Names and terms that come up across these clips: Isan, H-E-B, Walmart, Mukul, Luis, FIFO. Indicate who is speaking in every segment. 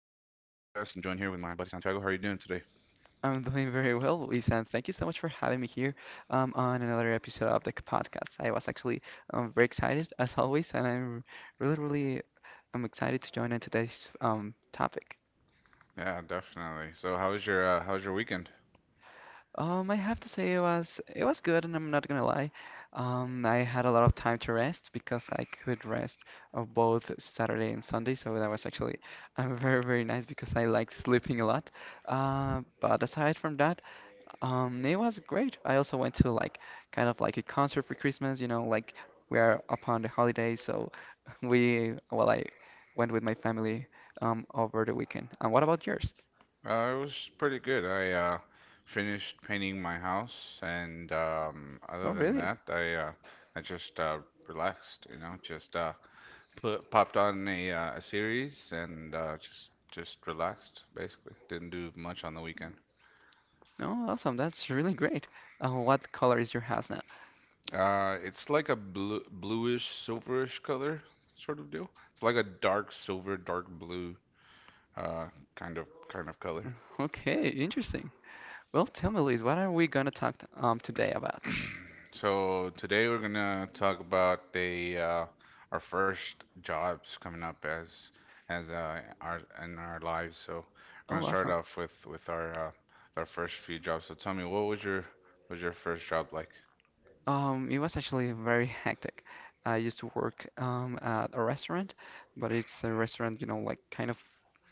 Speaker 1: I'm joined here with my buddy Santiago. How are you doing today?
Speaker 2: I'm doing very well, Isan. Thank you so much for having me here on another episode of the podcast. I was actually very excited, as always, and I'm really, really I'm excited to join in today's topic.
Speaker 1: Yeah, definitely. So, how was your weekend?
Speaker 2: I have to say it was good, and I'm not gonna lie. I had a lot of time to rest because I could rest of both Saturday and Sunday, so that was actually very, very nice because I like sleeping a lot. But aside from that, it was great. I also went to like kind of like a concert for Christmas, you know, like we are upon the holidays, so well, I went with my family over the weekend. And what about yours?
Speaker 1: It was pretty good. I finished painting my house, and
Speaker 2: Oh,
Speaker 1: other than
Speaker 2: really?
Speaker 1: that, I just relaxed. You know, just put popped on a series and just relaxed. Basically, didn't do much on the weekend.
Speaker 2: No, awesome. That's really great. What color is your house now?
Speaker 1: It's like a blue, bluish, silverish color sort of deal. It's like a dark silver, dark blue, uh, kind of color.
Speaker 2: Okay, interesting. Well, tell me, Luis, what are we gonna talk today about?
Speaker 1: So today we're gonna talk about the our first jobs coming up as our in our lives. So we're gonna
Speaker 2: Oh,
Speaker 1: start
Speaker 2: awesome.
Speaker 1: off with our first few jobs. So tell me, what was your first job like?
Speaker 2: It was actually very hectic. I used to work at a restaurant, but it's a restaurant, you know, like kind of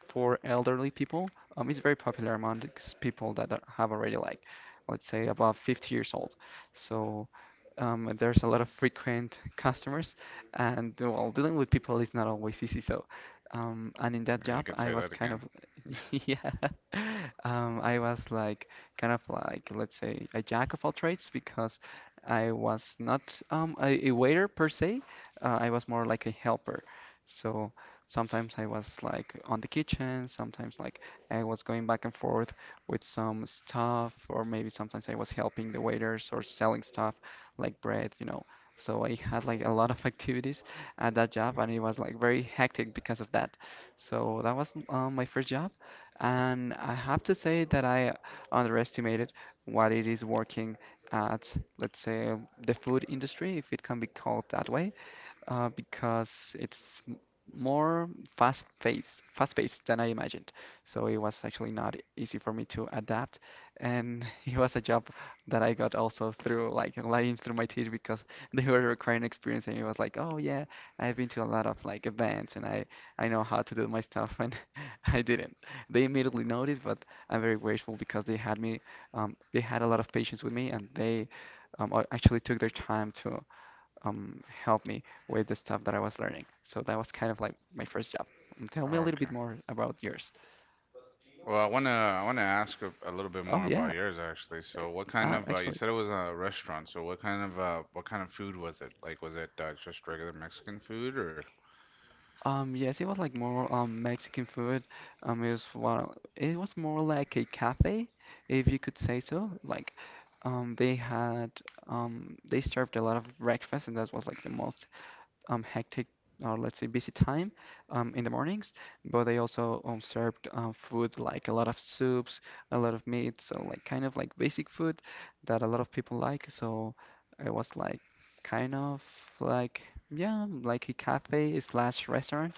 Speaker 2: for elderly people. It's very popular among these people that have already like, let's say, above 50 years old. So there's a lot of frequent customers, and well, dealing with people is not always easy. So, and in that
Speaker 1: Yeah, you
Speaker 2: job,
Speaker 1: can
Speaker 2: I
Speaker 1: say
Speaker 2: was
Speaker 1: that
Speaker 2: kind
Speaker 1: again.
Speaker 2: of, yeah, I was like kind of like, let's say, a jack of all trades because I was not a waiter per se. I was more like a helper. So sometimes I was like on the kitchen, sometimes like I was going back and forth with some stuff, or maybe sometimes I was helping the waiters or selling stuff like bread, you know. So I had like a lot of activities at that job, and it was like very hectic because of that. So that was my first job, and I have to say that I underestimated what it is working at, let's say, the food industry, if it can be called that way, because more fast paced than I imagined. So it was actually not easy for me to adapt, and it was a job that I got also through like lying through my teeth because they were requiring experience, and it was like, oh yeah, I've been to a lot of like events, and I know how to do my stuff, and I didn't. They immediately noticed, but I'm very grateful because they had me, they had a lot of patience with me, and they actually took their time to helped me with the stuff that I was learning. So that was kind of like my first job. And tell me a
Speaker 1: Oh,
Speaker 2: little
Speaker 1: okay.
Speaker 2: bit more about yours.
Speaker 1: Well, I wanna ask a little bit
Speaker 2: Oh
Speaker 1: more about
Speaker 2: yeah,
Speaker 1: yours, actually. So, what kind of you
Speaker 2: actually,
Speaker 1: said it was a restaurant. So, what kind of food was it? Like, was it just regular Mexican food, or?
Speaker 2: yes, it was like more Mexican food. It was, well, it was more like a cafe, if you could say so. Like, they had they served a lot of breakfast, and that was like the most hectic or, let's say, busy time in the mornings, but they also served food like a lot of soups, a lot of meat, so like kind of like basic food that a lot of people like. So it was like kind of like, yeah, like a cafe slash restaurant,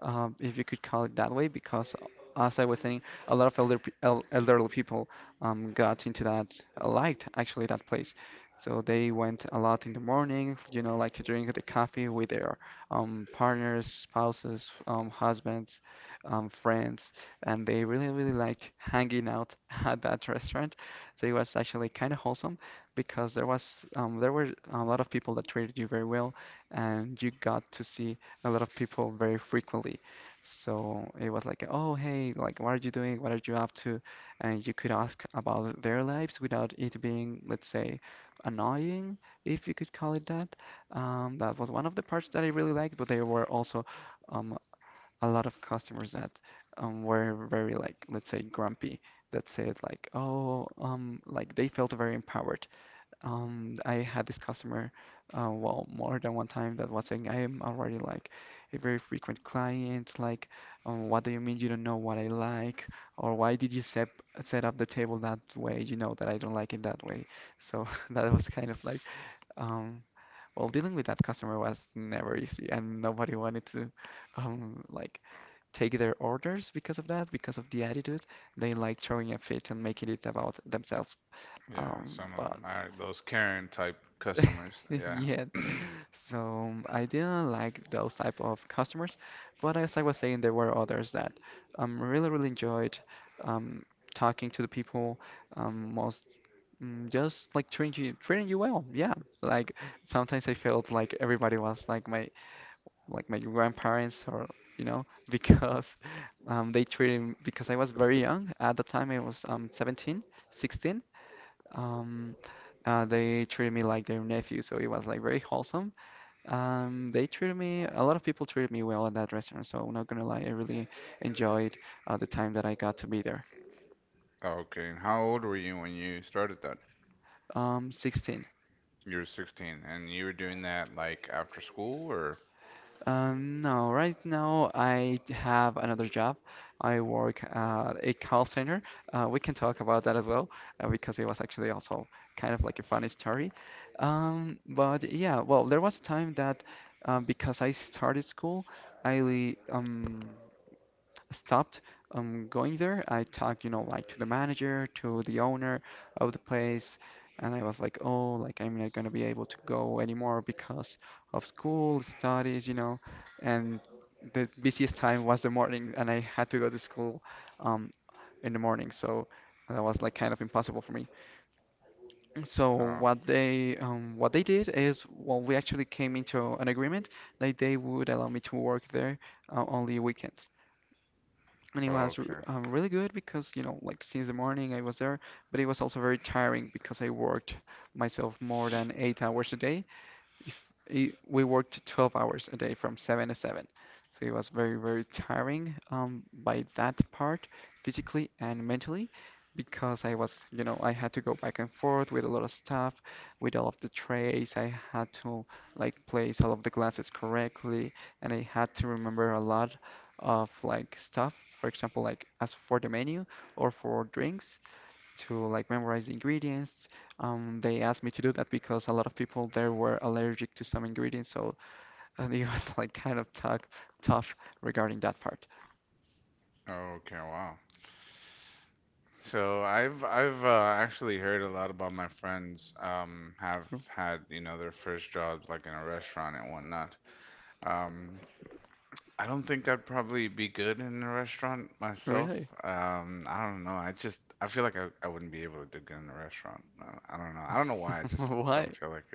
Speaker 2: if you could call it that way, because, as I was saying, a lot of elderly people got into that, liked actually that place. So they went a lot in the morning, you know, like to drink the coffee with their partners, spouses, husbands, friends, and they really, really liked hanging out at that restaurant. So it was actually kind of wholesome because there were a lot of people that treated you very well, and you got to see a lot of people very frequently. So it was like, oh, hey, like, what are you doing? What are you up to? And you could ask about their lives without it being, let's say, annoying, if you could call it that. That was one of the parts that I really liked, but there were also um, a lot of customers that were very, like, let's say, grumpy. That said, like, oh, like they felt very empowered. I had this customer, well, more than one time, that was saying, I am already like a very frequent client. Like, what do you mean you don't know what I like? Or why did you set up the table that way? You know that I don't like it that way. So that was kind of like, um, well, dealing with that customer was never easy, and nobody wanted to, like, take their orders because of that, because of the attitude. They like throwing a fit and making it about themselves.
Speaker 1: Yeah,
Speaker 2: Um,
Speaker 1: some of
Speaker 2: but
Speaker 1: them. All right, those Karen type customers. Yeah.
Speaker 2: yeah, so I didn't like those type of customers, but as I was saying, there were others that really really enjoyed um talking to the people, most just like treating you well. Yeah, like sometimes I felt like everybody was like my, like my grandparents, or you know, because they treated me, because I was very young at the time, I was 17, 16, um, they treated me like their nephew, so it was like very wholesome. They treated me, a lot of people treated me well at that restaurant, so I'm not gonna lie, I really enjoyed the time that I got to be there.
Speaker 1: Okay. And how old were you when you started that?
Speaker 2: 16.
Speaker 1: You were 16, and you were doing that like after school, or?
Speaker 2: No, right now I have another job. I work at a call center. We can talk about that as well, because it was actually also kind of like a funny story. But yeah, well, there was a time that, because I started school, I stopped going there. I talked, you know, like, to the manager, to the owner of the place, and I was like, oh, like, I'm not gonna be able to go anymore because of school, studies, you know, and the busiest time was the morning, and I had to go to school um, in the morning, so that was like kind of impossible for me. So
Speaker 1: Oh,
Speaker 2: what they did is, well, we actually came into an agreement that they would allow me to work there, only weekends, and it was
Speaker 1: okay.
Speaker 2: really good because, you know, like, since the morning I was there, but it was also very tiring because I worked myself more than 8 hours a day, if I we worked 12 hours a day from 7 to 7, so it was very very tiring by that part, physically and mentally, because I was, you know, I had to go back and forth with a lot of stuff, with all of the trays. I had to like place all of the glasses correctly, and I had to remember a lot of like stuff, for example, like as for the menu or for drinks, to like memorize the ingredients. They asked me to do that because a lot of people there were allergic to some ingredients, so and it was like kind of tough regarding that part.
Speaker 1: Okay, wow. So I've actually heard a lot about my friends have
Speaker 2: R-
Speaker 1: had their first jobs like in a restaurant and whatnot. Um, I don't think I'd probably be good in a restaurant myself.
Speaker 2: Really?
Speaker 1: I don't know. I feel like I wouldn't be able to do good in a restaurant. I don't know. I don't know why. I just
Speaker 2: Why?
Speaker 1: don't feel like.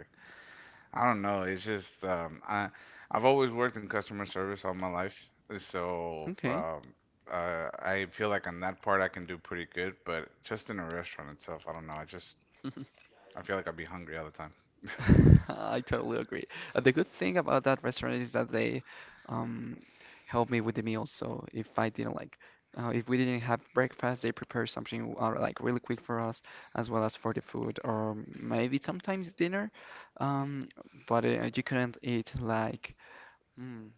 Speaker 1: I don't know. It's just I've always worked in customer service all my life, so
Speaker 2: Okay.
Speaker 1: I feel like on that part I can do pretty good. But just in a restaurant itself, I don't know. I feel like I'd be hungry all the time.
Speaker 2: I totally agree. The good thing about that restaurant is that they um, help me with the meals. So if I didn't like, if we didn't have breakfast, they prepare something like really quick for us, as well as for the food, or maybe sometimes dinner. Um, but You couldn't eat like, mm,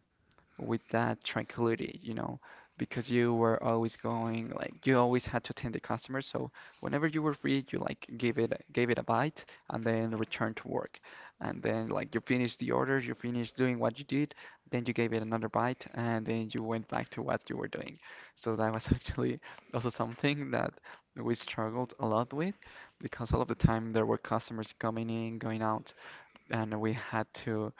Speaker 2: with that tranquility, you know, because you were always going, like, you always had to attend the customer. So whenever you were free, you like gave it a bite and then returned to work. And then, like, you finished the order, you finished doing what you did, then you gave it another bite, and then you went back to what you were doing. So that was actually also something that we struggled a lot with, because all of the time there were customers coming in, going out, and we had to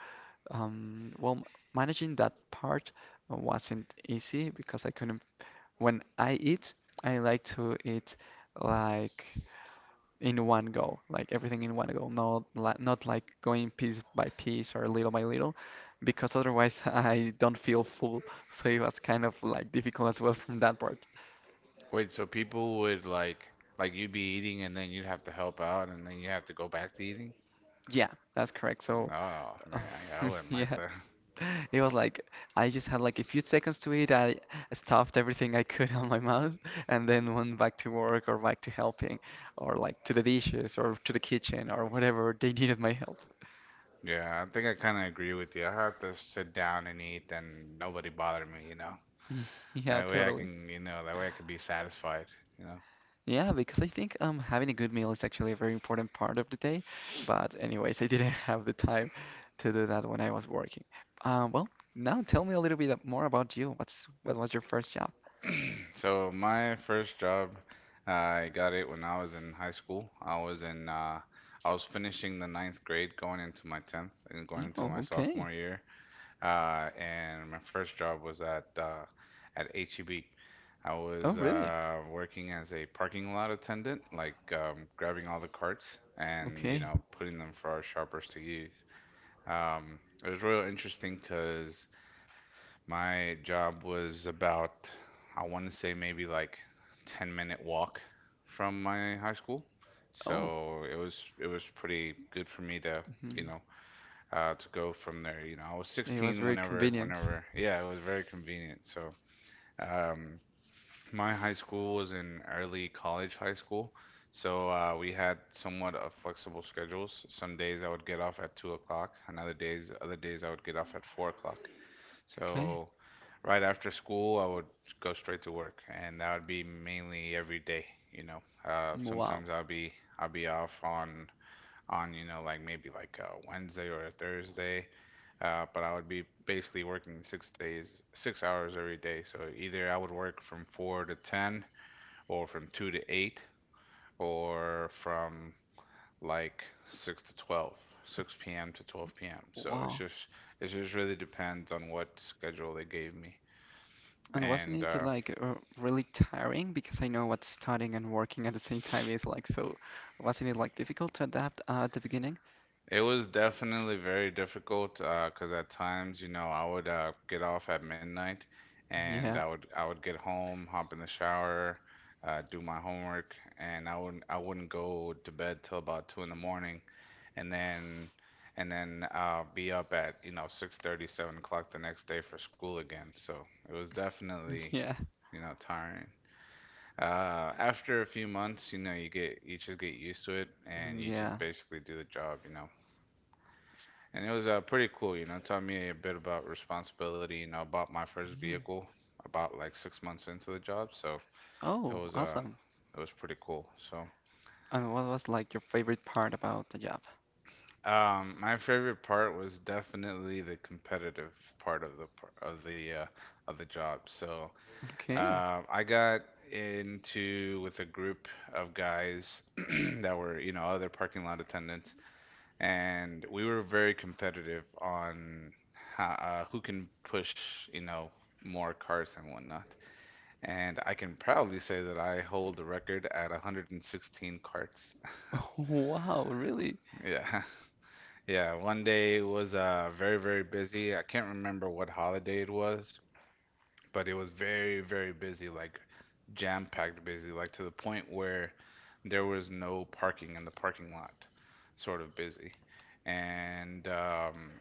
Speaker 2: well, managing that part wasn't easy because I couldn't. When I eat, I like to eat like in one go, like everything in one go, not li not like going piece by piece or little by little, because otherwise I don't feel full. So it was kind of like difficult as well from that part.
Speaker 1: Wait, so people would like you'd be eating, and then you'd have to help out, and then you have to go back to eating?
Speaker 2: Yeah, that's correct. So,
Speaker 1: No, man, I wouldn't like
Speaker 2: yeah.
Speaker 1: that.
Speaker 2: It was like I just had like a few seconds to eat. I stuffed everything I could on my mouth and then went back to work or back to helping or like to the dishes or to the kitchen or whatever they needed my help.
Speaker 1: Yeah, I think I kind of agree with you. I have to sit down and eat, and nobody bother me.
Speaker 2: Yeah, totally.
Speaker 1: That way I can be satisfied. You know.
Speaker 2: Yeah, because I think having a good meal is actually a very important part of the day. But anyways, I didn't have the time to do that when I was working. Uh, well, now tell me a little bit more about you. What was your first job?
Speaker 1: So my first job, I got it when I was in high school. I was finishing the ninth grade, going into my tenth, and going into
Speaker 2: Oh,
Speaker 1: my
Speaker 2: okay.
Speaker 1: sophomore year. And my first job was at at H-E-B. I
Speaker 2: Oh,
Speaker 1: was
Speaker 2: really?
Speaker 1: working as a parking lot attendant, like grabbing all the carts and, you
Speaker 2: Okay.
Speaker 1: know, putting them for our shoppers to use. It was real interesting because. My job was about, I want to say maybe like 10-minute walk from my high school.
Speaker 2: Oh.
Speaker 1: So it was pretty good for me to, you know, to go from there. I was
Speaker 2: It was
Speaker 1: 16
Speaker 2: very
Speaker 1: whenever
Speaker 2: convenient.
Speaker 1: whenever. Yeah, it was very convenient. So um, my high school was an early college high school. So we had somewhat of flexible schedules. Some days I would get off at 2 o'clock, and other days I would get off at 4 o'clock.
Speaker 2: Okay.
Speaker 1: So right after school, I would go straight to work, and that would be mainly every day, you know. Uh,
Speaker 2: Wow.
Speaker 1: sometimes I'll be off on, you know, like maybe like a Wednesday or a Thursday, but I would be basically working 6 days, 6 hours every day. So either I would work from 4 to 10, or from 2 to 8, or from like 6 to 12, six p.m. to 12 p.m. So
Speaker 2: Wow.
Speaker 1: it just really depends on what schedule they gave me.
Speaker 2: And wasn't
Speaker 1: And
Speaker 2: it
Speaker 1: uh,
Speaker 2: like really tiring? Because I know what studying and working at the same time is like. So wasn't it like difficult to adapt at the beginning?
Speaker 1: it was definitely very difficult, 'cause at times, you know, I would get off at midnight, and I
Speaker 2: Yeah.
Speaker 1: would I would get home, hop in the shower, do my homework, and I wouldn't go to bed till about 2 in the morning, and then and then be up at, you know, 6:30, 7 o'clock the next day for school again. So it was definitely,
Speaker 2: Yeah.
Speaker 1: you know, tiring. After a few months, you know, you just get used to it, and you just
Speaker 2: Yeah.
Speaker 1: basically do the job, you know. And it was pretty cool. You know, it taught me a bit about responsibility. You know, I bought my first
Speaker 2: Mhm.
Speaker 1: vehicle about like 6 months into the job, so it
Speaker 2: Oh,
Speaker 1: was uh
Speaker 2: awesome.
Speaker 1: it was pretty cool. So
Speaker 2: And what was like your favorite part about the job?
Speaker 1: my favorite part was definitely the competitive part of the par- of the job. So
Speaker 2: Okay.
Speaker 1: I got into with a group of guys that were, you know, other parking lot attendants, and we were very competitive on who can push, you know, more carts and whatnot. And I can proudly say that I hold the record at 116 carts.
Speaker 2: Wow, really?
Speaker 1: Yeah, yeah. One day was very, very busy. I can't remember what holiday it was, but it was very, very busy, like jam-packed busy, like to the point where there was no parking in the parking lot, sort of busy. And um,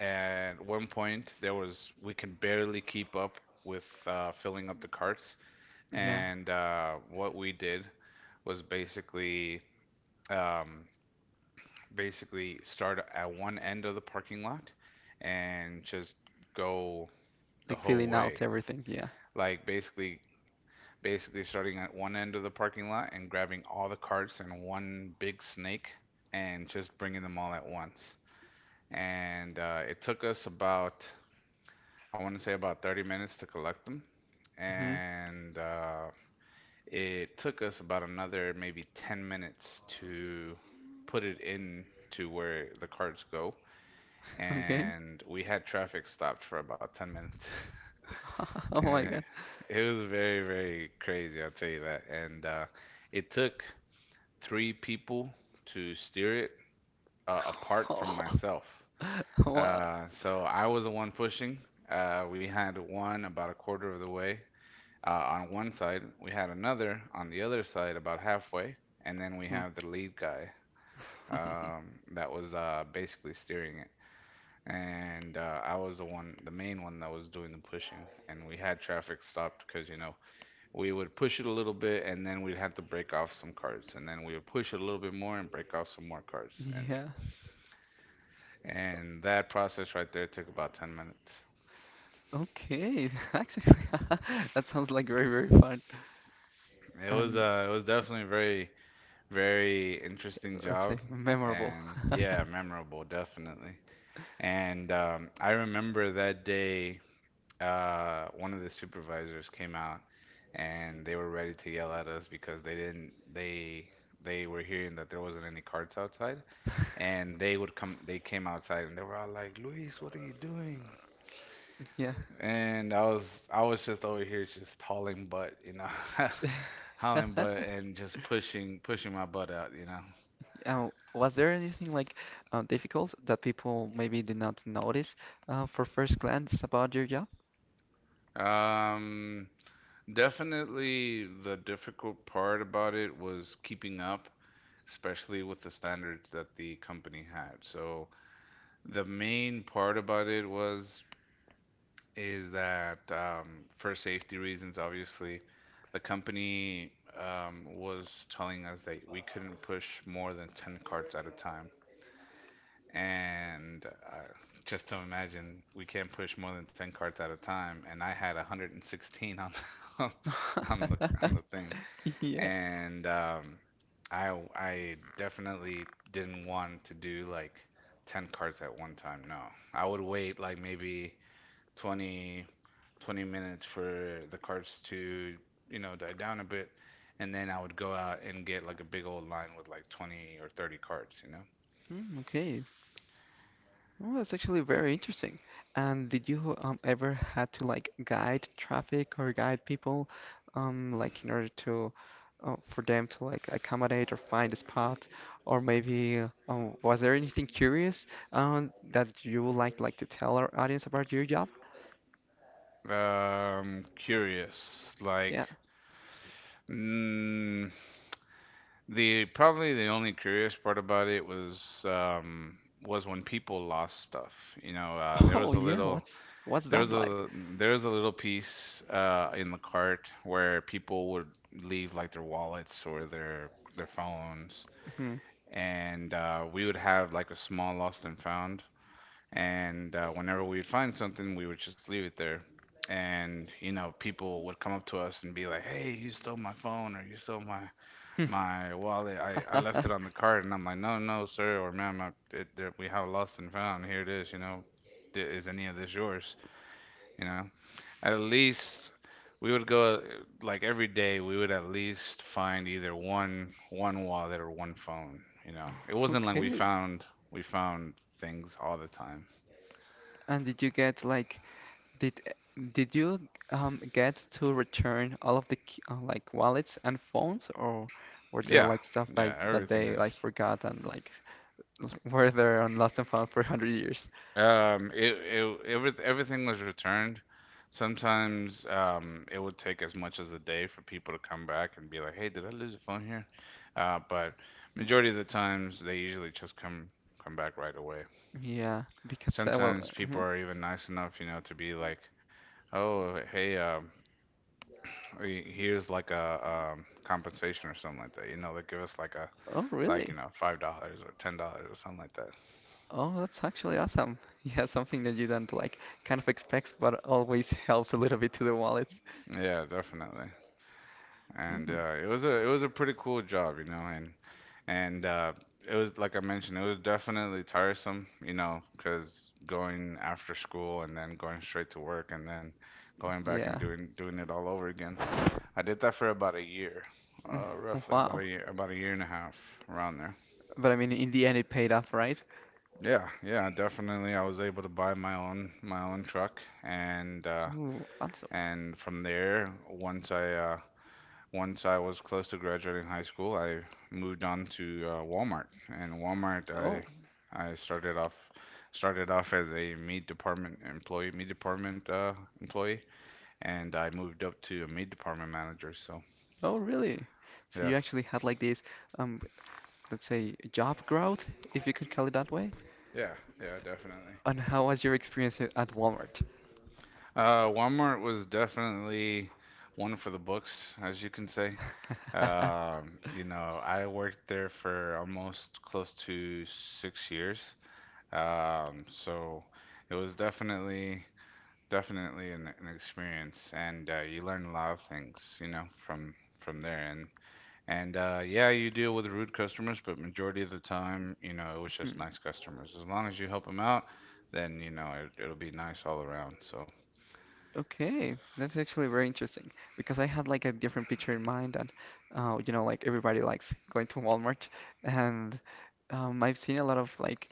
Speaker 1: and at one point there was we can barely keep up with filling up the carts,
Speaker 2: Yeah.
Speaker 1: and what we did was um, basically start at one end of the parking lot and just go the
Speaker 2: Like
Speaker 1: whole
Speaker 2: filling
Speaker 1: way,
Speaker 2: out everything. Yeah.
Speaker 1: like basically starting at one end of the parking lot and grabbing all the carts and one big snake, and just bringing them all at once, and it took us about, I want to say about, 30 minutes to collect them.
Speaker 2: hmm
Speaker 1: And it took us about another maybe 10 minutes to put it in to where the cards go.
Speaker 2: Okay.
Speaker 1: And we had traffic stopped for about 10 minutes.
Speaker 2: Oh
Speaker 1: And
Speaker 2: my
Speaker 1: it,
Speaker 2: God.
Speaker 1: it was very, very crazy, I'll tell you that. And it took three people to steer it, apart from myself. So I was the one pushing. We had one about a quarter of the way, on one side. We had another on the other side, about halfway, and then we
Speaker 2: Wow.
Speaker 1: have the lead guy that was basically steering it. And I was the one, the main one that was doing the pushing, and we had traffic stopped because, you know, we would push it a little bit, and then we'd have to break off some carts, and then we would push it a little bit more and break off some more carts, and
Speaker 2: Yeah.
Speaker 1: and that process right there took about 10 minutes.
Speaker 2: Okay. Actually, that sounds like very, very fun
Speaker 1: It was
Speaker 2: and
Speaker 1: uh, it was definitely very, very interesting
Speaker 2: let's
Speaker 1: job,
Speaker 2: say memorable.
Speaker 1: and yeah, memorable, definitely. And I remember that day, one of the supervisors came out, and they were ready to yell at us because they didn't, they were hearing that there wasn't any carts outside. And they came outside, and they were all like, "Luis, what are you doing?"
Speaker 2: Yeah.
Speaker 1: And I was just over here just hauling butt, you know, hauling butt and just pushing, pushing my butt out, you know.
Speaker 2: Was there anything like difficult that people maybe did not notice for first glance about your job?
Speaker 1: Um, definitely the difficult part about it was keeping up, especially with the standards that the company had. So the main part about it was is that, for safety reasons, obviously, the company was telling us that we couldn't push more than 10 carts at a time, and just to imagine we can't push more than 10 carts at a time, and I had 116 on the, on the on the thing.
Speaker 2: Yeah.
Speaker 1: And i I definitely didn't want to do like 10 carts at one time. No, I would wait like maybe 20, 20 minutes for the carts to, you know, die down a bit, and then I would go out and get like a big old line with like 20 or 30 carts, you know.
Speaker 2: Mm, okay. Oh, that's actually very interesting. And did you ever had to like guide traffic or guide people, like in order to, for them to like accommodate or find a spot, or maybe was there anything curious that you would like to tell our audience about your job?
Speaker 1: Curious. Like,
Speaker 2: Yeah.
Speaker 1: mm, the probably the only curious part about it was when people lost stuff. There
Speaker 2: Oh
Speaker 1: was a
Speaker 2: yeah.
Speaker 1: little
Speaker 2: What's
Speaker 1: there
Speaker 2: that
Speaker 1: was
Speaker 2: like?
Speaker 1: a there was a little piece in the cart where people would leave like their wallets or their phones,
Speaker 2: Hmm.
Speaker 1: and we would have like a small lost and found. And whenever we'd find something, we would just leave it there. And, you know, people would come up to us and be like, "Hey, you stole my phone, or you stole my wallet. I left it on the cart." And I'm like, "No, no, sir, or ma'am, we have lost and found. Here it is. You know, is any of this yours? You know, at least." We would go like every day. We would at least find either one wallet or one phone. You know, it wasn't like we
Speaker 2: Okay.
Speaker 1: found we found things all the time.
Speaker 2: And did you get like Did did you get to return all of the like wallets and phones, or were there
Speaker 1: Yeah,
Speaker 2: like stuff like
Speaker 1: yeah,
Speaker 2: that
Speaker 1: everything
Speaker 2: they like
Speaker 1: is.
Speaker 2: forgot and like were there on lost and found for 100 years?
Speaker 1: Everything was returned. Sometimes it would take as much as a day for people to come back and be like, "Hey, did I lose a phone here?" But majority of the times, they usually just come back right away.
Speaker 2: Yeah, because well,
Speaker 1: Sometimes people
Speaker 2: mhm.
Speaker 1: are even nice enough, you know, to be like, "Oh, hey, here's like a compensation or something like that." You know, they give us like a
Speaker 2: Oh
Speaker 1: like you
Speaker 2: really?
Speaker 1: know $5 or $10 or something like that.
Speaker 2: Oh, that's actually awesome. Yeah, something that you don't like kind of expect, but always helps a little bit to the wallet.
Speaker 1: Yeah, definitely. and
Speaker 2: Mm,
Speaker 1: uh, it was a pretty cool job, you know, and it was, like I mentioned, it was definitely tiresome, you know, because going after school and then going straight to work and then going back and
Speaker 2: yeah.
Speaker 1: doing it all over again. I did that for about a year,
Speaker 2: Mm,
Speaker 1: roughly
Speaker 2: wow.
Speaker 1: about a year and a half, around there.
Speaker 2: But I mean, in the end, it paid off, right?
Speaker 1: Yeah, yeah, definitely. I was able to buy my own truck, and uh,
Speaker 2: Ooh, awesome.
Speaker 1: and from there, once I Once I was close to graduating high school, I moved on to Walmart. And Walmart, I
Speaker 2: Oh,
Speaker 1: I started off started off as a meat department employee, and I moved up to a meat department manager. So
Speaker 2: oh, really? So
Speaker 1: yeah,
Speaker 2: you actually had like this, um, let's say job growth, if you could call it that way?
Speaker 1: yeah, yeah, definitely.
Speaker 2: And how was your experience at Walmart?
Speaker 1: Walmart was definitely one for the books, as you can say. You know, I worked there for almost close to 6 years. So it was definitely an experience, and you learn a lot of things, you know, from there. And yeah, you deal with rude customers, but majority of the time, you know, it was just
Speaker 2: Hmm.
Speaker 1: nice customers. As long as you help them out, then you know it'll be nice all around. So
Speaker 2: Okay, that's actually very interesting because I had like a different picture in mind that, you know, like everybody likes going to Walmart, and I've seen a lot of like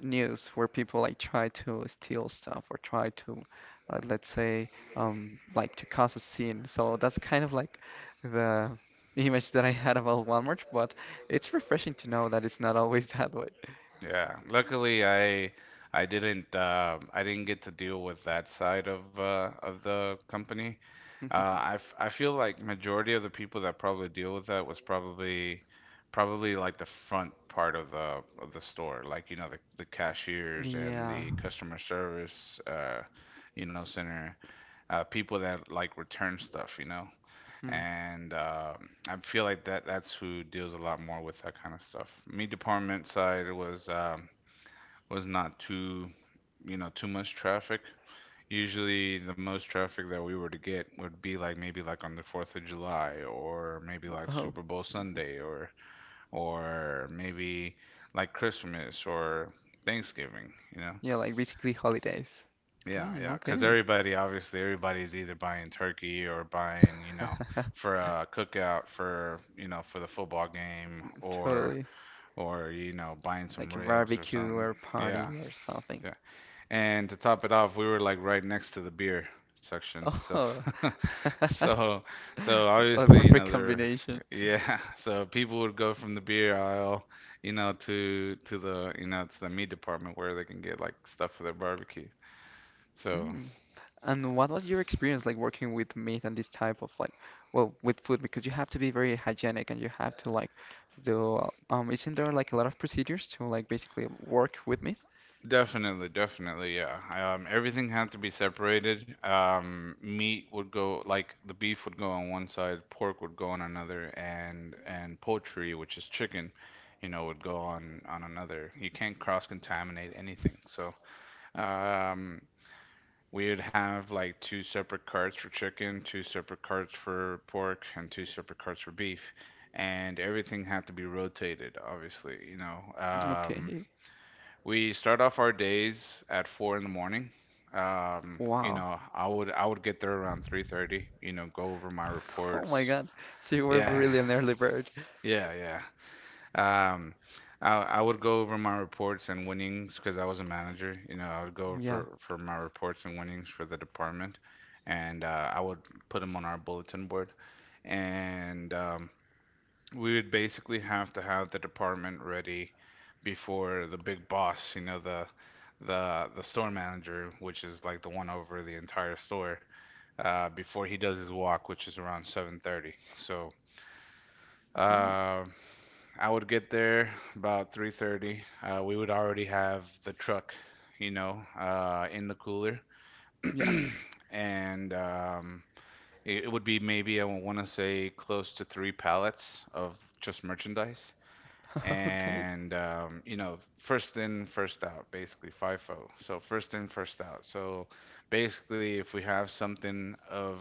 Speaker 2: news where people like try to steal stuff or try to, let's say, like to cause a scene. So that's kind of like the image that I had about Walmart, but it's refreshing to know that it's not always that way.
Speaker 1: yeah, luckily I. I didn't get to deal with that side of the company. I feel like majority of the people that probably deal with that was probably like the front part of the store, like you know the cashiers and
Speaker 2: Yeah.
Speaker 1: the customer service you know center people that like return stuff, you know.
Speaker 2: Hmm.
Speaker 1: And I feel like that's who deals a lot more with that kind of stuff. Me department side was not too, you know, too much traffic. Usually, the most traffic that we were to get would be like maybe like on the 4th of July or maybe like
Speaker 2: Oh,
Speaker 1: Super Bowl Sunday or maybe like Christmas or Thanksgiving, you know?
Speaker 2: yeah, like basically holidays.
Speaker 1: Yeah,
Speaker 2: Mm,
Speaker 1: yeah. Cause
Speaker 2: okay.
Speaker 1: everybody, obviously everybody's either buying turkey or buying, you know, for a cookout for, you know, for the football game
Speaker 2: Totally.
Speaker 1: or you know, buying some
Speaker 2: Like a
Speaker 1: ribs or
Speaker 2: barbecue
Speaker 1: something.
Speaker 2: or
Speaker 1: Yeah.
Speaker 2: party or something.
Speaker 1: Yeah. And to top it off, we were like right next to the beer section. So,
Speaker 2: Oh, a
Speaker 1: so, so obviously, you
Speaker 2: perfect
Speaker 1: know, there,
Speaker 2: combination.
Speaker 1: yeah. So people would go from the beer aisle, you know, to you know, to the meat department where they can get like stuff for their barbecue. So,
Speaker 2: Mm. And what was your experience like working with meat and this type of like, well, with food because you have to be very hygienic and you have to like do isn't there like a lot of procedures to like basically work with meat?
Speaker 1: definitely, definitely, yeah. Everything had to be separated. Meat would go like the beef would go on one side, pork would go on another, and poultry, which is chicken, you know, would go on another. You can't cross-contaminate anything. So, um, we would have like two separate carts for chicken, two separate carts for pork, and two separate carts for beef, and everything had to be rotated, obviously, you know.
Speaker 2: Okay.
Speaker 1: We start off our days at four in the morning. You
Speaker 2: Wow.
Speaker 1: know, I would get there around 3:30, you know, go over my
Speaker 2: Oh my
Speaker 1: reports.
Speaker 2: God. So you were
Speaker 1: Yeah.
Speaker 2: really an early bird.
Speaker 1: Yeah, yeah. I I would go over my reports and winnings because I was a manager. You know, I would go
Speaker 2: Yeah.
Speaker 1: for my reports and winnings for the department, and I would put them on our bulletin board. And we would basically have to have the department ready before the big boss, you know, the store manager, which is like the one over the entire store, before he does his walk, which is around 7:30. So
Speaker 2: Mm.
Speaker 1: uh, I would get there about 3:30. We would already have the truck, you know, in the cooler,
Speaker 2: Yeah.
Speaker 1: and it would be maybe, I want to say, close to three pallets of just merchandise
Speaker 2: Okay.
Speaker 1: and you know, first in, first out, basically FIFO. So first in, first out. So basically, if we have something of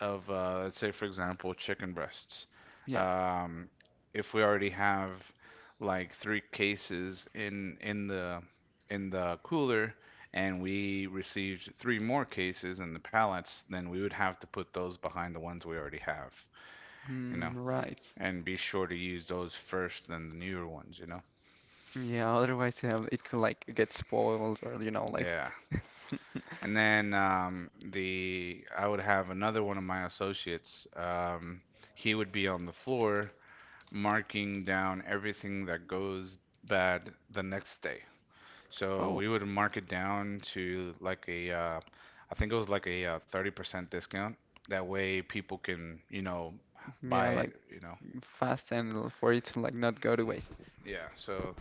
Speaker 1: let's say, for example, chicken breasts,
Speaker 2: Yeah.
Speaker 1: um, if we already have like three cases in in the cooler. And we received three more cases in the pallets, then we would have to put those behind the ones we already have, you
Speaker 2: Mm,
Speaker 1: know,
Speaker 2: right.
Speaker 1: and be sure to use those first than the newer ones, you know.
Speaker 2: Yeah, otherwise it could like get spoiled or you know like
Speaker 1: Yeah. And then the I would have another one of my associates. He would be on the floor marking down everything that goes bad the next day. So
Speaker 2: oh,
Speaker 1: we would mark it down to like a, I think it was like a 30% discount. That way people can, you know, buy
Speaker 2: yeah, like
Speaker 1: it, you know.
Speaker 2: fast and for it to like not go to waste.
Speaker 1: Yeah. So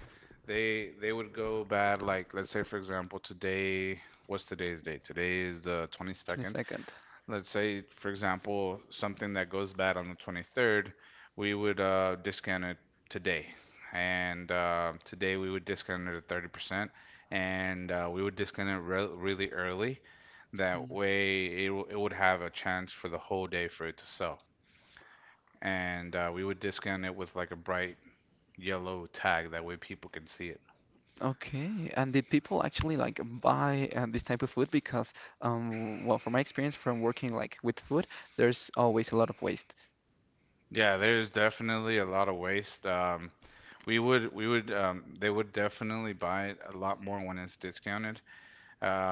Speaker 1: they would go bad like let's say, for example, today, what's today's date? Today is the 22nd.
Speaker 2: 22nd.
Speaker 1: Let's say, for example, something that goes bad on the 23rd, we would discount it today. And today we would discount it at 30%, and we would discount it re really early. That
Speaker 2: Mm.
Speaker 1: way, it would have a chance for the whole day for it to sell. And we would discount it with like a bright yellow tag. That way, people can see it.
Speaker 2: Okay, and did people actually like buy this type of food? Because, well, from my experience from working like with food, there's always a lot of waste.
Speaker 1: Yeah, there's definitely a lot of waste. They would definitely buy it a lot more when it's discounted.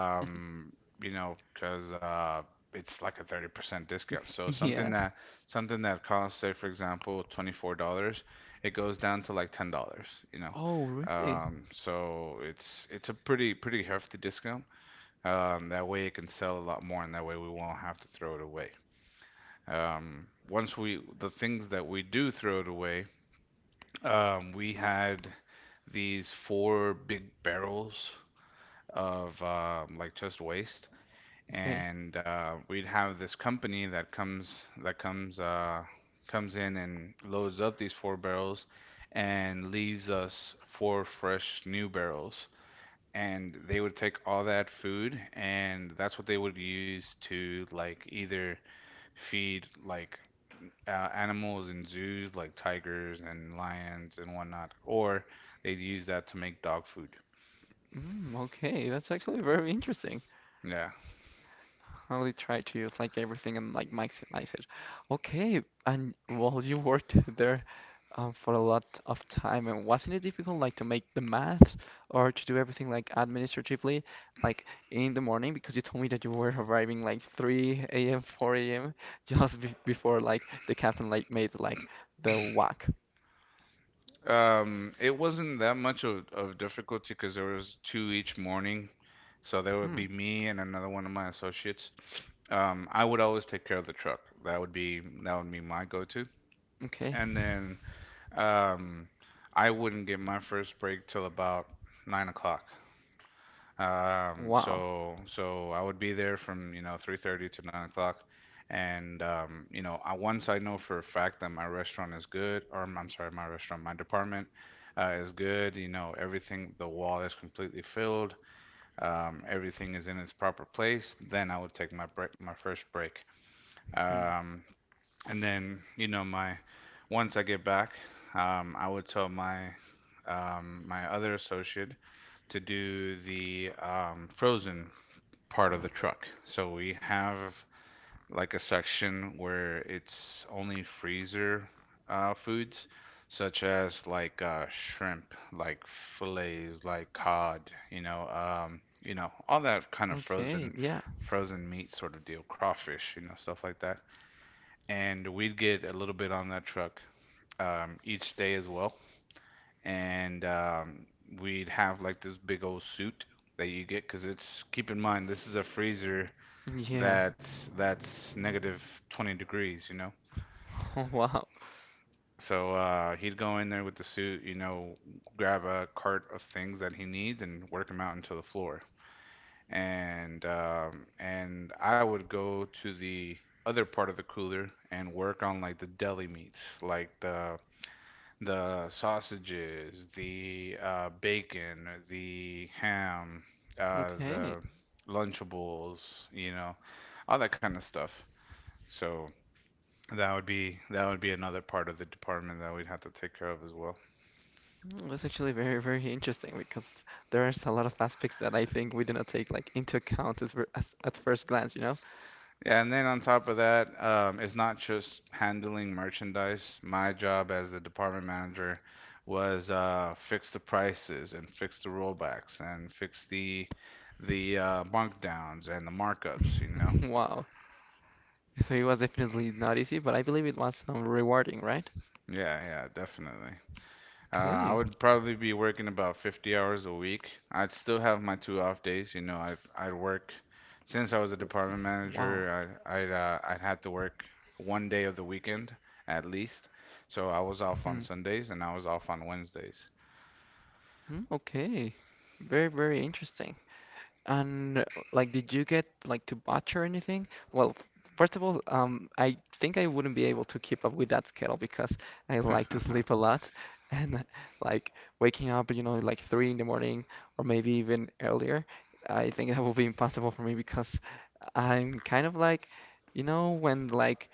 Speaker 1: you know, because it's like a 30% discount. So
Speaker 2: Yeah.
Speaker 1: something that costs, say for example, $24, it goes down to like $10, you know.
Speaker 2: Oh, really?
Speaker 1: So it's a pretty hefty discount. That way it can sell a lot more, and that way we won't have to throw it away. Once we, the things that we do throw it away, we had these four big barrels of like just waste
Speaker 2: Okay.
Speaker 1: and we'd have this company that comes comes in and loads up these four barrels and leaves us four fresh new barrels, and they would take all that food, and that's what they would use to like either feed like animals in zoos like tigers and lions and whatnot, or they'd use that to make dog food.
Speaker 2: Mm, okay, that's actually very interesting.
Speaker 1: Yeah.
Speaker 2: Really try to use like everything and like maximize it. Okay, and well, you worked there for a lot of time, and wasn't it difficult like to make the math or to do everything like administratively, like in the morning? Because you told me that you were arriving like 3 a.m., 4 a.m. just be before like the captain like made like the whack.
Speaker 1: It wasn't that much of difficulty because there was two each morning. So there would
Speaker 2: Hmm.
Speaker 1: be me and another one of my associates. I would always take care of the truck. That would be my go-to.
Speaker 2: Okay.
Speaker 1: And then um, I wouldn't get my first break till about 9 o'clock. Um,
Speaker 2: Wow.
Speaker 1: so so I would be there from, you know, 3:30 to 9 o'clock. And you know, I, once I know for a fact that my restaurant is good, or I'm sorry, my restaurant, my department is good, you know, everything, the wall is completely filled, everything is in its proper place, then I would take my break, my first break.
Speaker 2: Hmm.
Speaker 1: Um, and then, you know, my once I get back, I would tell my other associate to do the frozen part of the truck. So we have like a section where it's only freezer foods, such as like shrimp, like fillets, like cod, you know, all that kind of
Speaker 2: Okay. Yeah.
Speaker 1: frozen meat sort of deal, crawfish, you know, stuff like that, and we'd get a little bit on that truck each day as well. And we'd have like this big old suit that you get because, it's keep in mind, this is a freezer
Speaker 2: Yeah.
Speaker 1: that's negative 20 degrees, you know.
Speaker 2: Wow.
Speaker 1: So he'd go in there with the suit, you know, grab a cart of things that he needs and work them out into the floor. And I would go to the other part of the cooler and work on like the deli meats, like the sausages, the bacon, the ham,
Speaker 2: Okay.
Speaker 1: the Lunchables, you know, all that kind of stuff. So that would be another part of the department that we'd have to take care of as well.
Speaker 2: Mm, that's actually very, very interesting because there's a lot of aspects that I think we did not take like into account as, as at first glance, you know?
Speaker 1: Yeah, and then on top of that, it's not just handling merchandise. My job as a department manager was fix the prices and fix the rollbacks and fix the markdowns and the markups, you know.
Speaker 2: Wow. So it was definitely not easy, but I believe it was rewarding, right?
Speaker 1: Yeah, yeah, definitely. I
Speaker 2: Okay.
Speaker 1: would probably be working about 50 hours a week. I'd still have my two off days. You know, I'd work since I was a department
Speaker 2: Wow.
Speaker 1: manager. I'd had to work 1 day of the weekend at least. So I was off on
Speaker 2: Hmm.
Speaker 1: Sundays and I was off on Wednesdays.
Speaker 2: Hmm, okay. Very, very interesting. And like, did you get like to botch or anything? Well, first of all, I think I wouldn't be able to keep up with that schedule because I like to sleep a lot, and like waking up, you know, like 3 in the morning or maybe even earlier. I think that will be impossible for me because I'm kind of like, you know, when like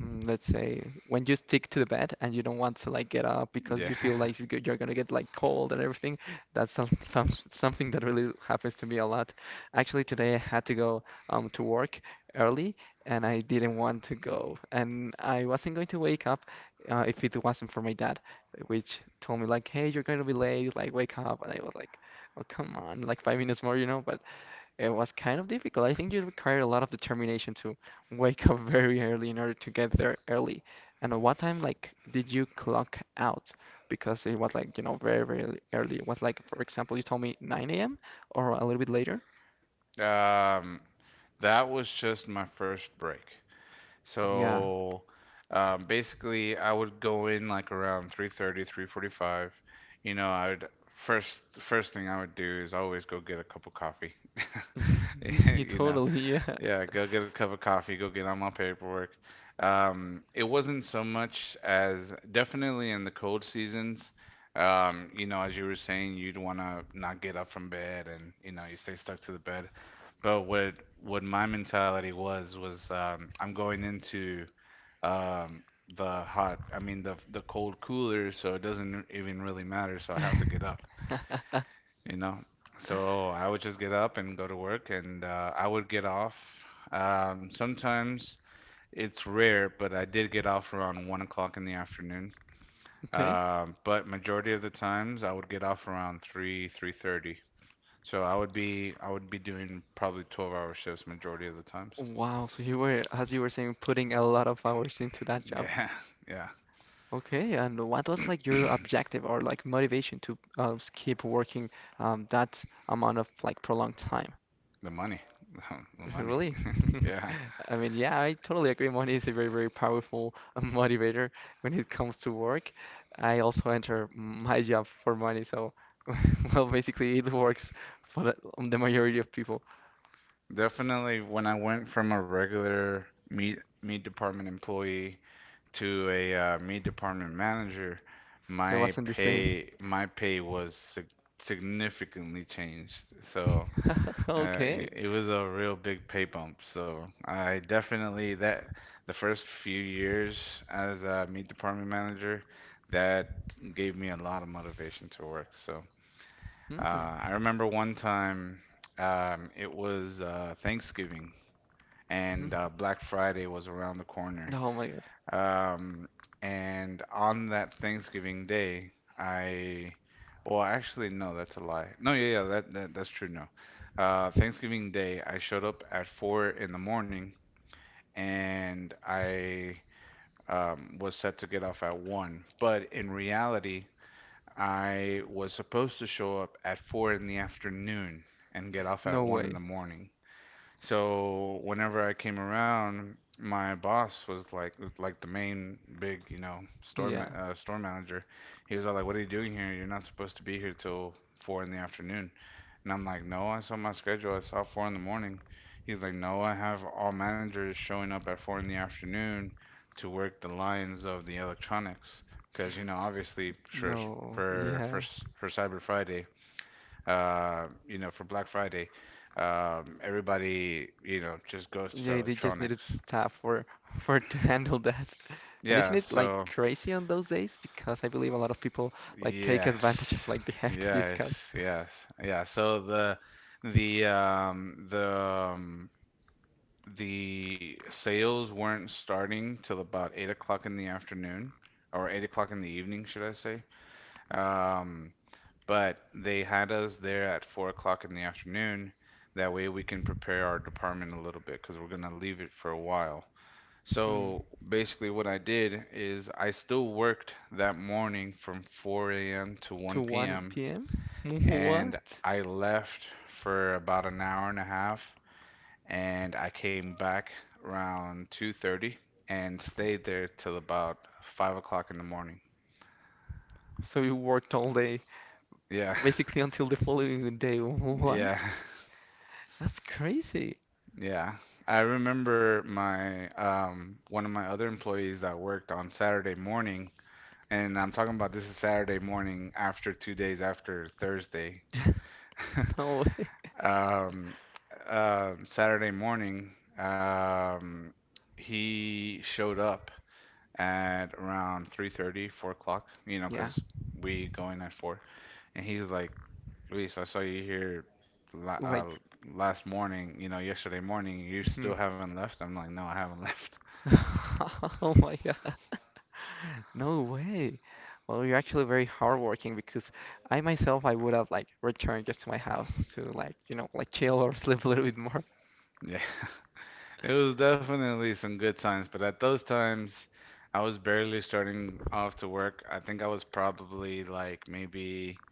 Speaker 2: let's say when you stick to the bed and you don't want to like get up because
Speaker 1: Yeah.
Speaker 2: you feel like you're gonna get like cold and everything something that really happens to me a lot. Actually today I had to go to work early and I didn't want to go and I wasn't going to wake up if it wasn't for my dad which told me like hey you're going to be late like wake up and I was like oh come on like 5 minutes more you know but it was kind of difficult. I think you required a lot of determination to wake up very early in order to get there early. And at what time, like, did you clock out? Because it was like, you know, very, very early. It was like, for example, you told me 9 a.m. or a little bit later.
Speaker 1: Um, that was just my first break.
Speaker 2: Yeah.
Speaker 1: So basically, I would go in like around 3:30, 3:45. You know, I would first thing I would do is always go get a cup of coffee.
Speaker 2: You
Speaker 1: You know,
Speaker 2: totally, yeah.
Speaker 1: yeah, go get a cup of coffee, go get on my paperwork. It wasn't so much as definitely in the cold seasons. You know, as you were saying, you'd want to not get up from bed and, you know, you stay stuck to the bed. But what my mentality was I'm going into um, the hot, I mean the cold cooler, so it doesn't even really matter, so I have to get up you know. So I would just get up and go to work, and I would get off. Sometimes it's rare, but I did get off around 1 o'clock in the afternoon.
Speaker 2: Okay.
Speaker 1: But majority of the times I would get off around three, 3:30. So I would be doing probably 12-hour shifts majority of the times.
Speaker 2: Wow. So you were, as you were saying, putting a lot of hours into that job.
Speaker 1: Yeah, yeah.
Speaker 2: Okay, and what was like your objective or like motivation to keep working that amount of like prolonged time?
Speaker 1: The money. The money.
Speaker 2: Really?
Speaker 1: Yeah.
Speaker 2: I mean, yeah, I totally agree. Money is a very, very powerful motivator when it comes to work. I also enter my job for money, so well, basically it works for on the majority of people.
Speaker 1: Definitely when I went from a regular meat department employee to a meat department manager,
Speaker 2: It
Speaker 1: my
Speaker 2: wasn't the same.
Speaker 1: pay my pay was sig significantly changed. So
Speaker 2: Okay.
Speaker 1: it was a real big pay bump. So I definitely that the first few years as a meat department manager, that gave me a lot of motivation to work. So uh,
Speaker 2: Hmm.
Speaker 1: I remember one time it was Thanksgiving and
Speaker 2: Mhm.
Speaker 1: Black Friday was around the corner.
Speaker 2: Oh my God.
Speaker 1: Um, and on that Thanksgiving Day, I, well, actually, no, that's a lie. No, yeah, yeah, that's true. No, Thanksgiving Day, I showed up at four in the morning, and I was set to get off at one. But in reality, I was supposed to show up at four in the afternoon and get off at
Speaker 2: No
Speaker 1: one in the
Speaker 2: way.
Speaker 1: morning. So whenever I came around, my boss was like the main big, you know,
Speaker 2: Yeah.
Speaker 1: store manager. He was all like, "What are you doing here? You're not supposed to be here till four in the afternoon." And I'm like, "No, I saw my schedule. I saw four in the morning." He's like, "No, I have all managers showing up at four in the afternoon to work the lines of the electronics, because you know, obviously,
Speaker 2: No.
Speaker 1: for for
Speaker 2: Yeah.
Speaker 1: for Cyber Friday." You know, for Black Friday, everybody, you know, just goes to
Speaker 2: Yeah, they just needed
Speaker 1: electronics.
Speaker 2: staff for for to handle that. And isn't
Speaker 1: Yeah,
Speaker 2: it like
Speaker 1: so
Speaker 2: crazy on those days? Because I believe a lot of people like take advantage of
Speaker 1: yes,
Speaker 2: like the hefty
Speaker 1: yes,
Speaker 2: discounts.
Speaker 1: yes, yeah. So the um, the um, the sales weren't starting till about 8 o'clock in the afternoon, or 8 o'clock in the evening, should I say? Um, But they had us there at 4 o'clock in the afternoon. That way we can prepare our department a little bit because we're gonna leave it for a while.
Speaker 2: Hmm.
Speaker 1: So basically, what I did is I still worked that morning from 4 a.m. to
Speaker 2: To
Speaker 1: 1 p.m.
Speaker 2: 1 p.m.?
Speaker 1: and
Speaker 2: What?
Speaker 1: I left for about an hour and a half and I came back around 2:30 and stayed there till about 5 o'clock in the morning.
Speaker 2: So you worked all day,
Speaker 1: Yeah,
Speaker 2: basically until the following day. What?
Speaker 1: yeah.
Speaker 2: That's crazy.
Speaker 1: Yeah, I remember my one of my other employees that worked on Saturday morning, and I'm talking about this is Saturday morning after 2 days after Thursday.
Speaker 2: No way.
Speaker 1: Um, Saturday morning, he showed up at around 3:30, 4 o'clock, you know,
Speaker 2: Yeah,
Speaker 1: 'cause we go in at 4. And he's like, Luis, I saw you here la
Speaker 2: like,
Speaker 1: last morning, you know, yesterday morning. You
Speaker 2: hmm.
Speaker 1: still haven't left? I'm like, no, I haven't left.
Speaker 2: Oh my God. No way. Well, you're actually very hardworking because I myself I would have like returned just to my house to like, you know, like chill or sleep a little bit more.
Speaker 1: Yeah, it was definitely some good times, but at those times, I was barely starting off to work. I think I was probably like maybe,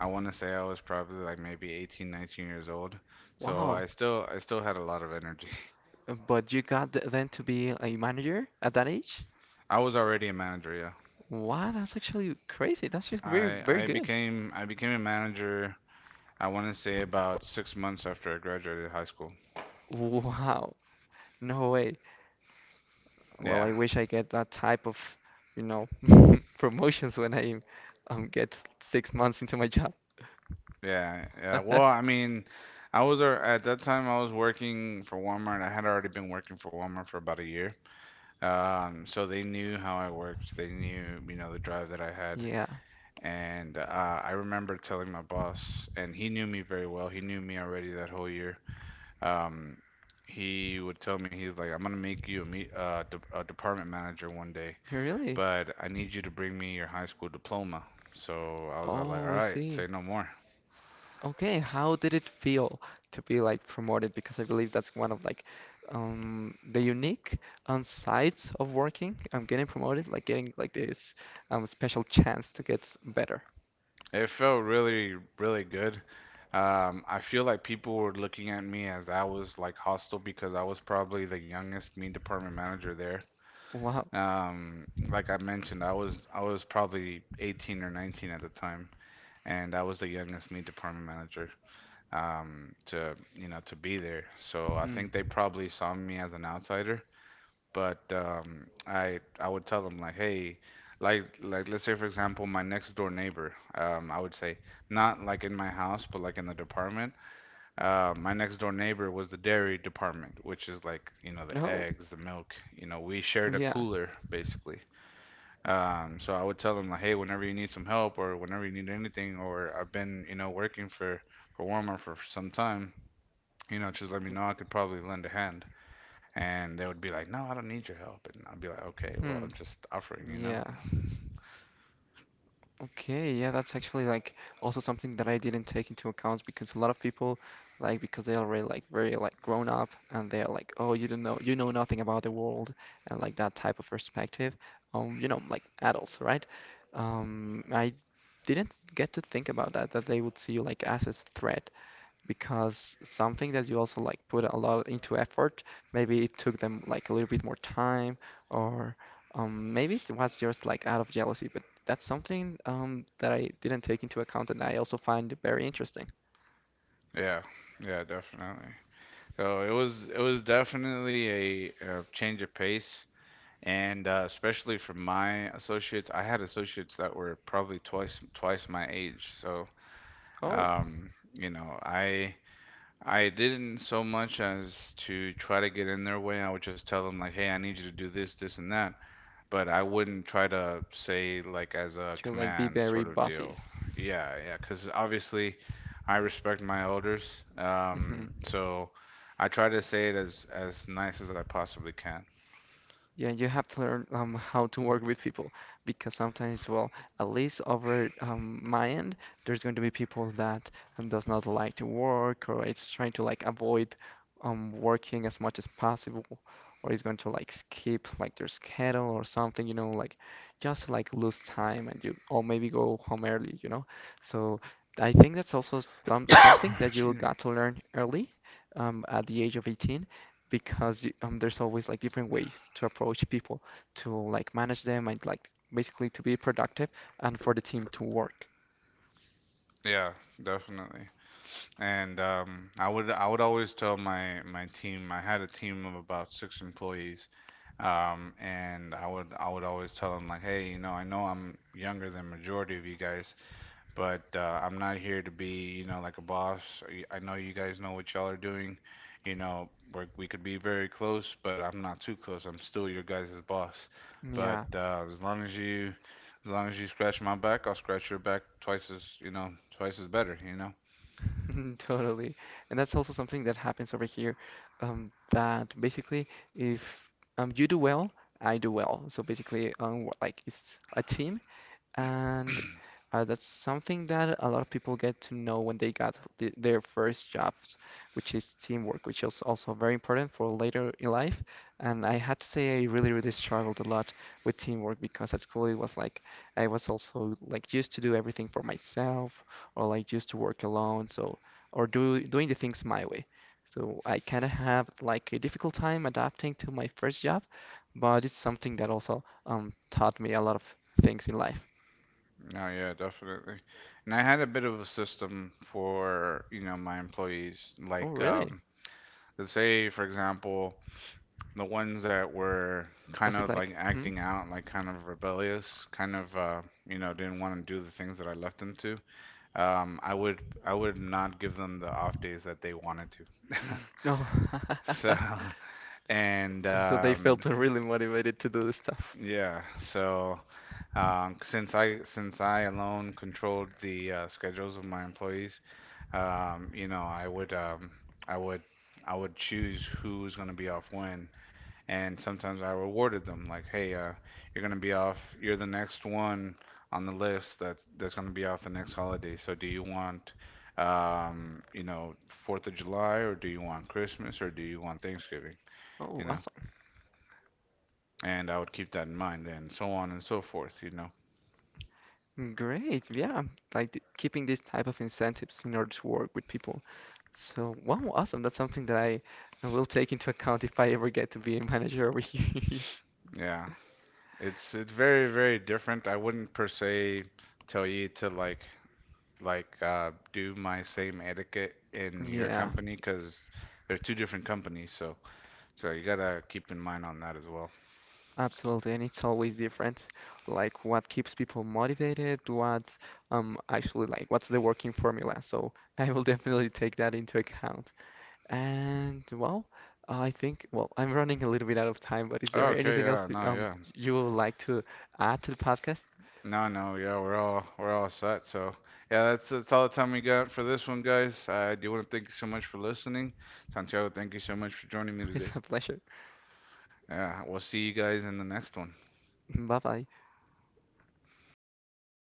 Speaker 1: I want to say I was probably like maybe 18, 19 years old. So
Speaker 2: Wow.
Speaker 1: I still had a lot of energy.
Speaker 2: But you got then to be a manager at that age?
Speaker 1: I was already a manager, yeah.
Speaker 2: Wow, that's actually crazy. That's just very,
Speaker 1: I
Speaker 2: very
Speaker 1: I
Speaker 2: good.
Speaker 1: became I became a manager, I want to say about 6 months after I graduated high school.
Speaker 2: Wow. No way.
Speaker 1: Yeah,
Speaker 2: Well, I wish I get that type of, you know, promotions when I get 6 months into my job.
Speaker 1: yeah, yeah. Well, I mean, at that time I was working for Walmart. I had already been working for Walmart for about a year. So they knew how I worked. They knew, you know, the drive that I had.
Speaker 2: Yeah.
Speaker 1: And I remember telling my boss, and he knew me very well. He knew me already that whole year. Um, he would tell me, he's like, I'm gonna make you a meet de a department manager 1 day,
Speaker 2: Really?
Speaker 1: but I need you to bring me your high school diploma. So I was all like, all
Speaker 2: Oh, I
Speaker 1: right, say
Speaker 2: see.
Speaker 1: no more.
Speaker 2: Okay, how did it feel to be like promoted? Because I believe that's one of like the unique sides of working. I'm getting promoted, like getting like this special chance to get better.
Speaker 1: It felt really, really good. I feel like people were looking at me as I was like hostile because I was probably the youngest meat department manager there.
Speaker 2: Wow.
Speaker 1: Like I mentioned, I was probably 18 or 19 at the time, and I was the youngest meat department manager to you know to be there. So I
Speaker 2: Hmm.
Speaker 1: think they probably saw me as an outsider, but um, I would tell them like, hey, like let's say for example my next door neighbor, I would say not like in my house, but like in the department. My next door neighbor was the dairy department, which is like you know the
Speaker 2: Oh,
Speaker 1: eggs, the milk. You know we shared a
Speaker 2: yeah.
Speaker 1: cooler basically. So I would tell them like, hey, whenever you need some help or whenever you need anything, or I've been you know working for Walmart for some time, you know just let me know. I could probably lend a hand. And they would be like, "No, I don't need your help." And I'd be like, "Okay, well,
Speaker 2: Hmm.
Speaker 1: I'm just offering, you know."
Speaker 2: Yeah. Okay, yeah, that's actually like also something that I didn't take into account because a lot of people like because they are already like very like grown up and they're like, oh, you don't know, you know nothing about the world and like that type of perspective. You know, like adults, right? I didn't get to think about that that they would see you like as a threat because something that you also like put a lot into effort, maybe it took them like a little bit more time, or maybe it was just like out of jealousy. But that's something that I didn't take into account, and I also find very interesting.
Speaker 1: Yeah. Yeah, definitely. So it was definitely a change of pace, and especially for my associates, I had associates that were probably twice my age. So
Speaker 2: Oh,
Speaker 1: you know, I didn't so much as to try to get in their way. I would just tell them like, "Hey, I need you to do this, this, and that," but I wouldn't try to say like as a
Speaker 2: to like be
Speaker 1: command
Speaker 2: very
Speaker 1: sort of deal.
Speaker 2: bossy.
Speaker 1: Yeah, yeah, because obviously I respect my elders,
Speaker 2: Mm-hmm.
Speaker 1: so I try to say it as nice as I possibly can.
Speaker 2: Yeah, you have to learn how to work with people because sometimes, well, at least over my end, there's going to be people that does not like to work or it's trying to like avoid working as much as possible or is going to like skip like their schedule or something, you know, like just to, like lose time and you or maybe go home early, you know. So I think that's also something that
Speaker 1: Excuse
Speaker 2: you
Speaker 1: me.
Speaker 2: got to learn early at the age of 18 because you, there's always like different ways to approach people to like manage them and like basically to be productive and for the team to work.
Speaker 1: Yeah, definitely. And um, I would always tell my team. I had a team of about six employees, and I would always tell them like, hey, you know, I know I'm younger than majority of you guys, but I'm not here to be, you know, like a boss. I know you guys know what y'all are doing. You know, we're, we could be very close, but I'm not too close. I'm still your guys' boss. But
Speaker 2: Yeah,
Speaker 1: as long as as long as you scratch my back, I'll scratch your back twice as, you know, twice as better. You know?
Speaker 2: totally. And that's also something that happens over here, that basically if you do well, I do well. So basically, like it's a team. And that's something that a lot of people get to know when they got th their first jobs, which is teamwork, which is also very important for later in life. And I had to say I really, really struggled a lot with teamwork because at school it was like I was also like used to do everything for myself or like used to work alone, so or do doing the things my way. So I kind of have like a difficult time adapting to my first job, but it's something that also taught me a lot of things in life.
Speaker 1: No, yeah, definitely. And I had a bit of a system for, you know, my employees.
Speaker 2: Oh,
Speaker 1: Like,
Speaker 2: really?
Speaker 1: let's say, for example. The ones that were kind
Speaker 2: Was it
Speaker 1: of like
Speaker 2: like, hmm?
Speaker 1: acting out, like kind of rebellious, you know didn't want to do the things that I left them to. Um, I would not give them the off days that they wanted to.
Speaker 2: No.
Speaker 1: So and
Speaker 2: So they felt really motivated to do the stuff.
Speaker 1: yeah, so since I alone controlled the schedules of my employees, you know, I would I would choose who's going to be off when, and sometimes I rewarded them like, "Hey, you're gonna be off. You're the next one on the list that that's gonna be off the next holiday. So do you want, you know, Fourth of July, or do you want Christmas, or do you want Thanksgiving?
Speaker 2: Oh,
Speaker 1: You know?"
Speaker 2: awesome.
Speaker 1: And I would keep that in mind, and so on and so forth. You know?
Speaker 2: Great. Yeah. Like keeping these type of incentives in order to work with people. So, wow, awesome. That's something that I will take into account if I ever get to be a manager over here.
Speaker 1: Yeah, it's very very different. I wouldn't per se tell you to like do my same etiquette in your
Speaker 2: Yeah,
Speaker 1: company because they're two different companies, so. So you gotta keep in mind on that as well.
Speaker 2: absolutely. And it's always different. Like what keeps people motivated, what actually like what's the working formula. So I will definitely take that into account. And well, I think, well, I'm running a little bit out of time, but is there
Speaker 1: Okay,
Speaker 2: anything
Speaker 1: yeah,
Speaker 2: else
Speaker 1: no, yeah.
Speaker 2: you would like to add to the podcast?
Speaker 1: No, no, yeah, we're all set. So yeah, that's all the time we got for this one, guys. I do want to thank you so much for listening. Santiago, thank you so much for joining me
Speaker 2: It's
Speaker 1: today.
Speaker 2: a pleasure.
Speaker 1: Yeah, we'll see you guys in the next one.
Speaker 2: Bye bye.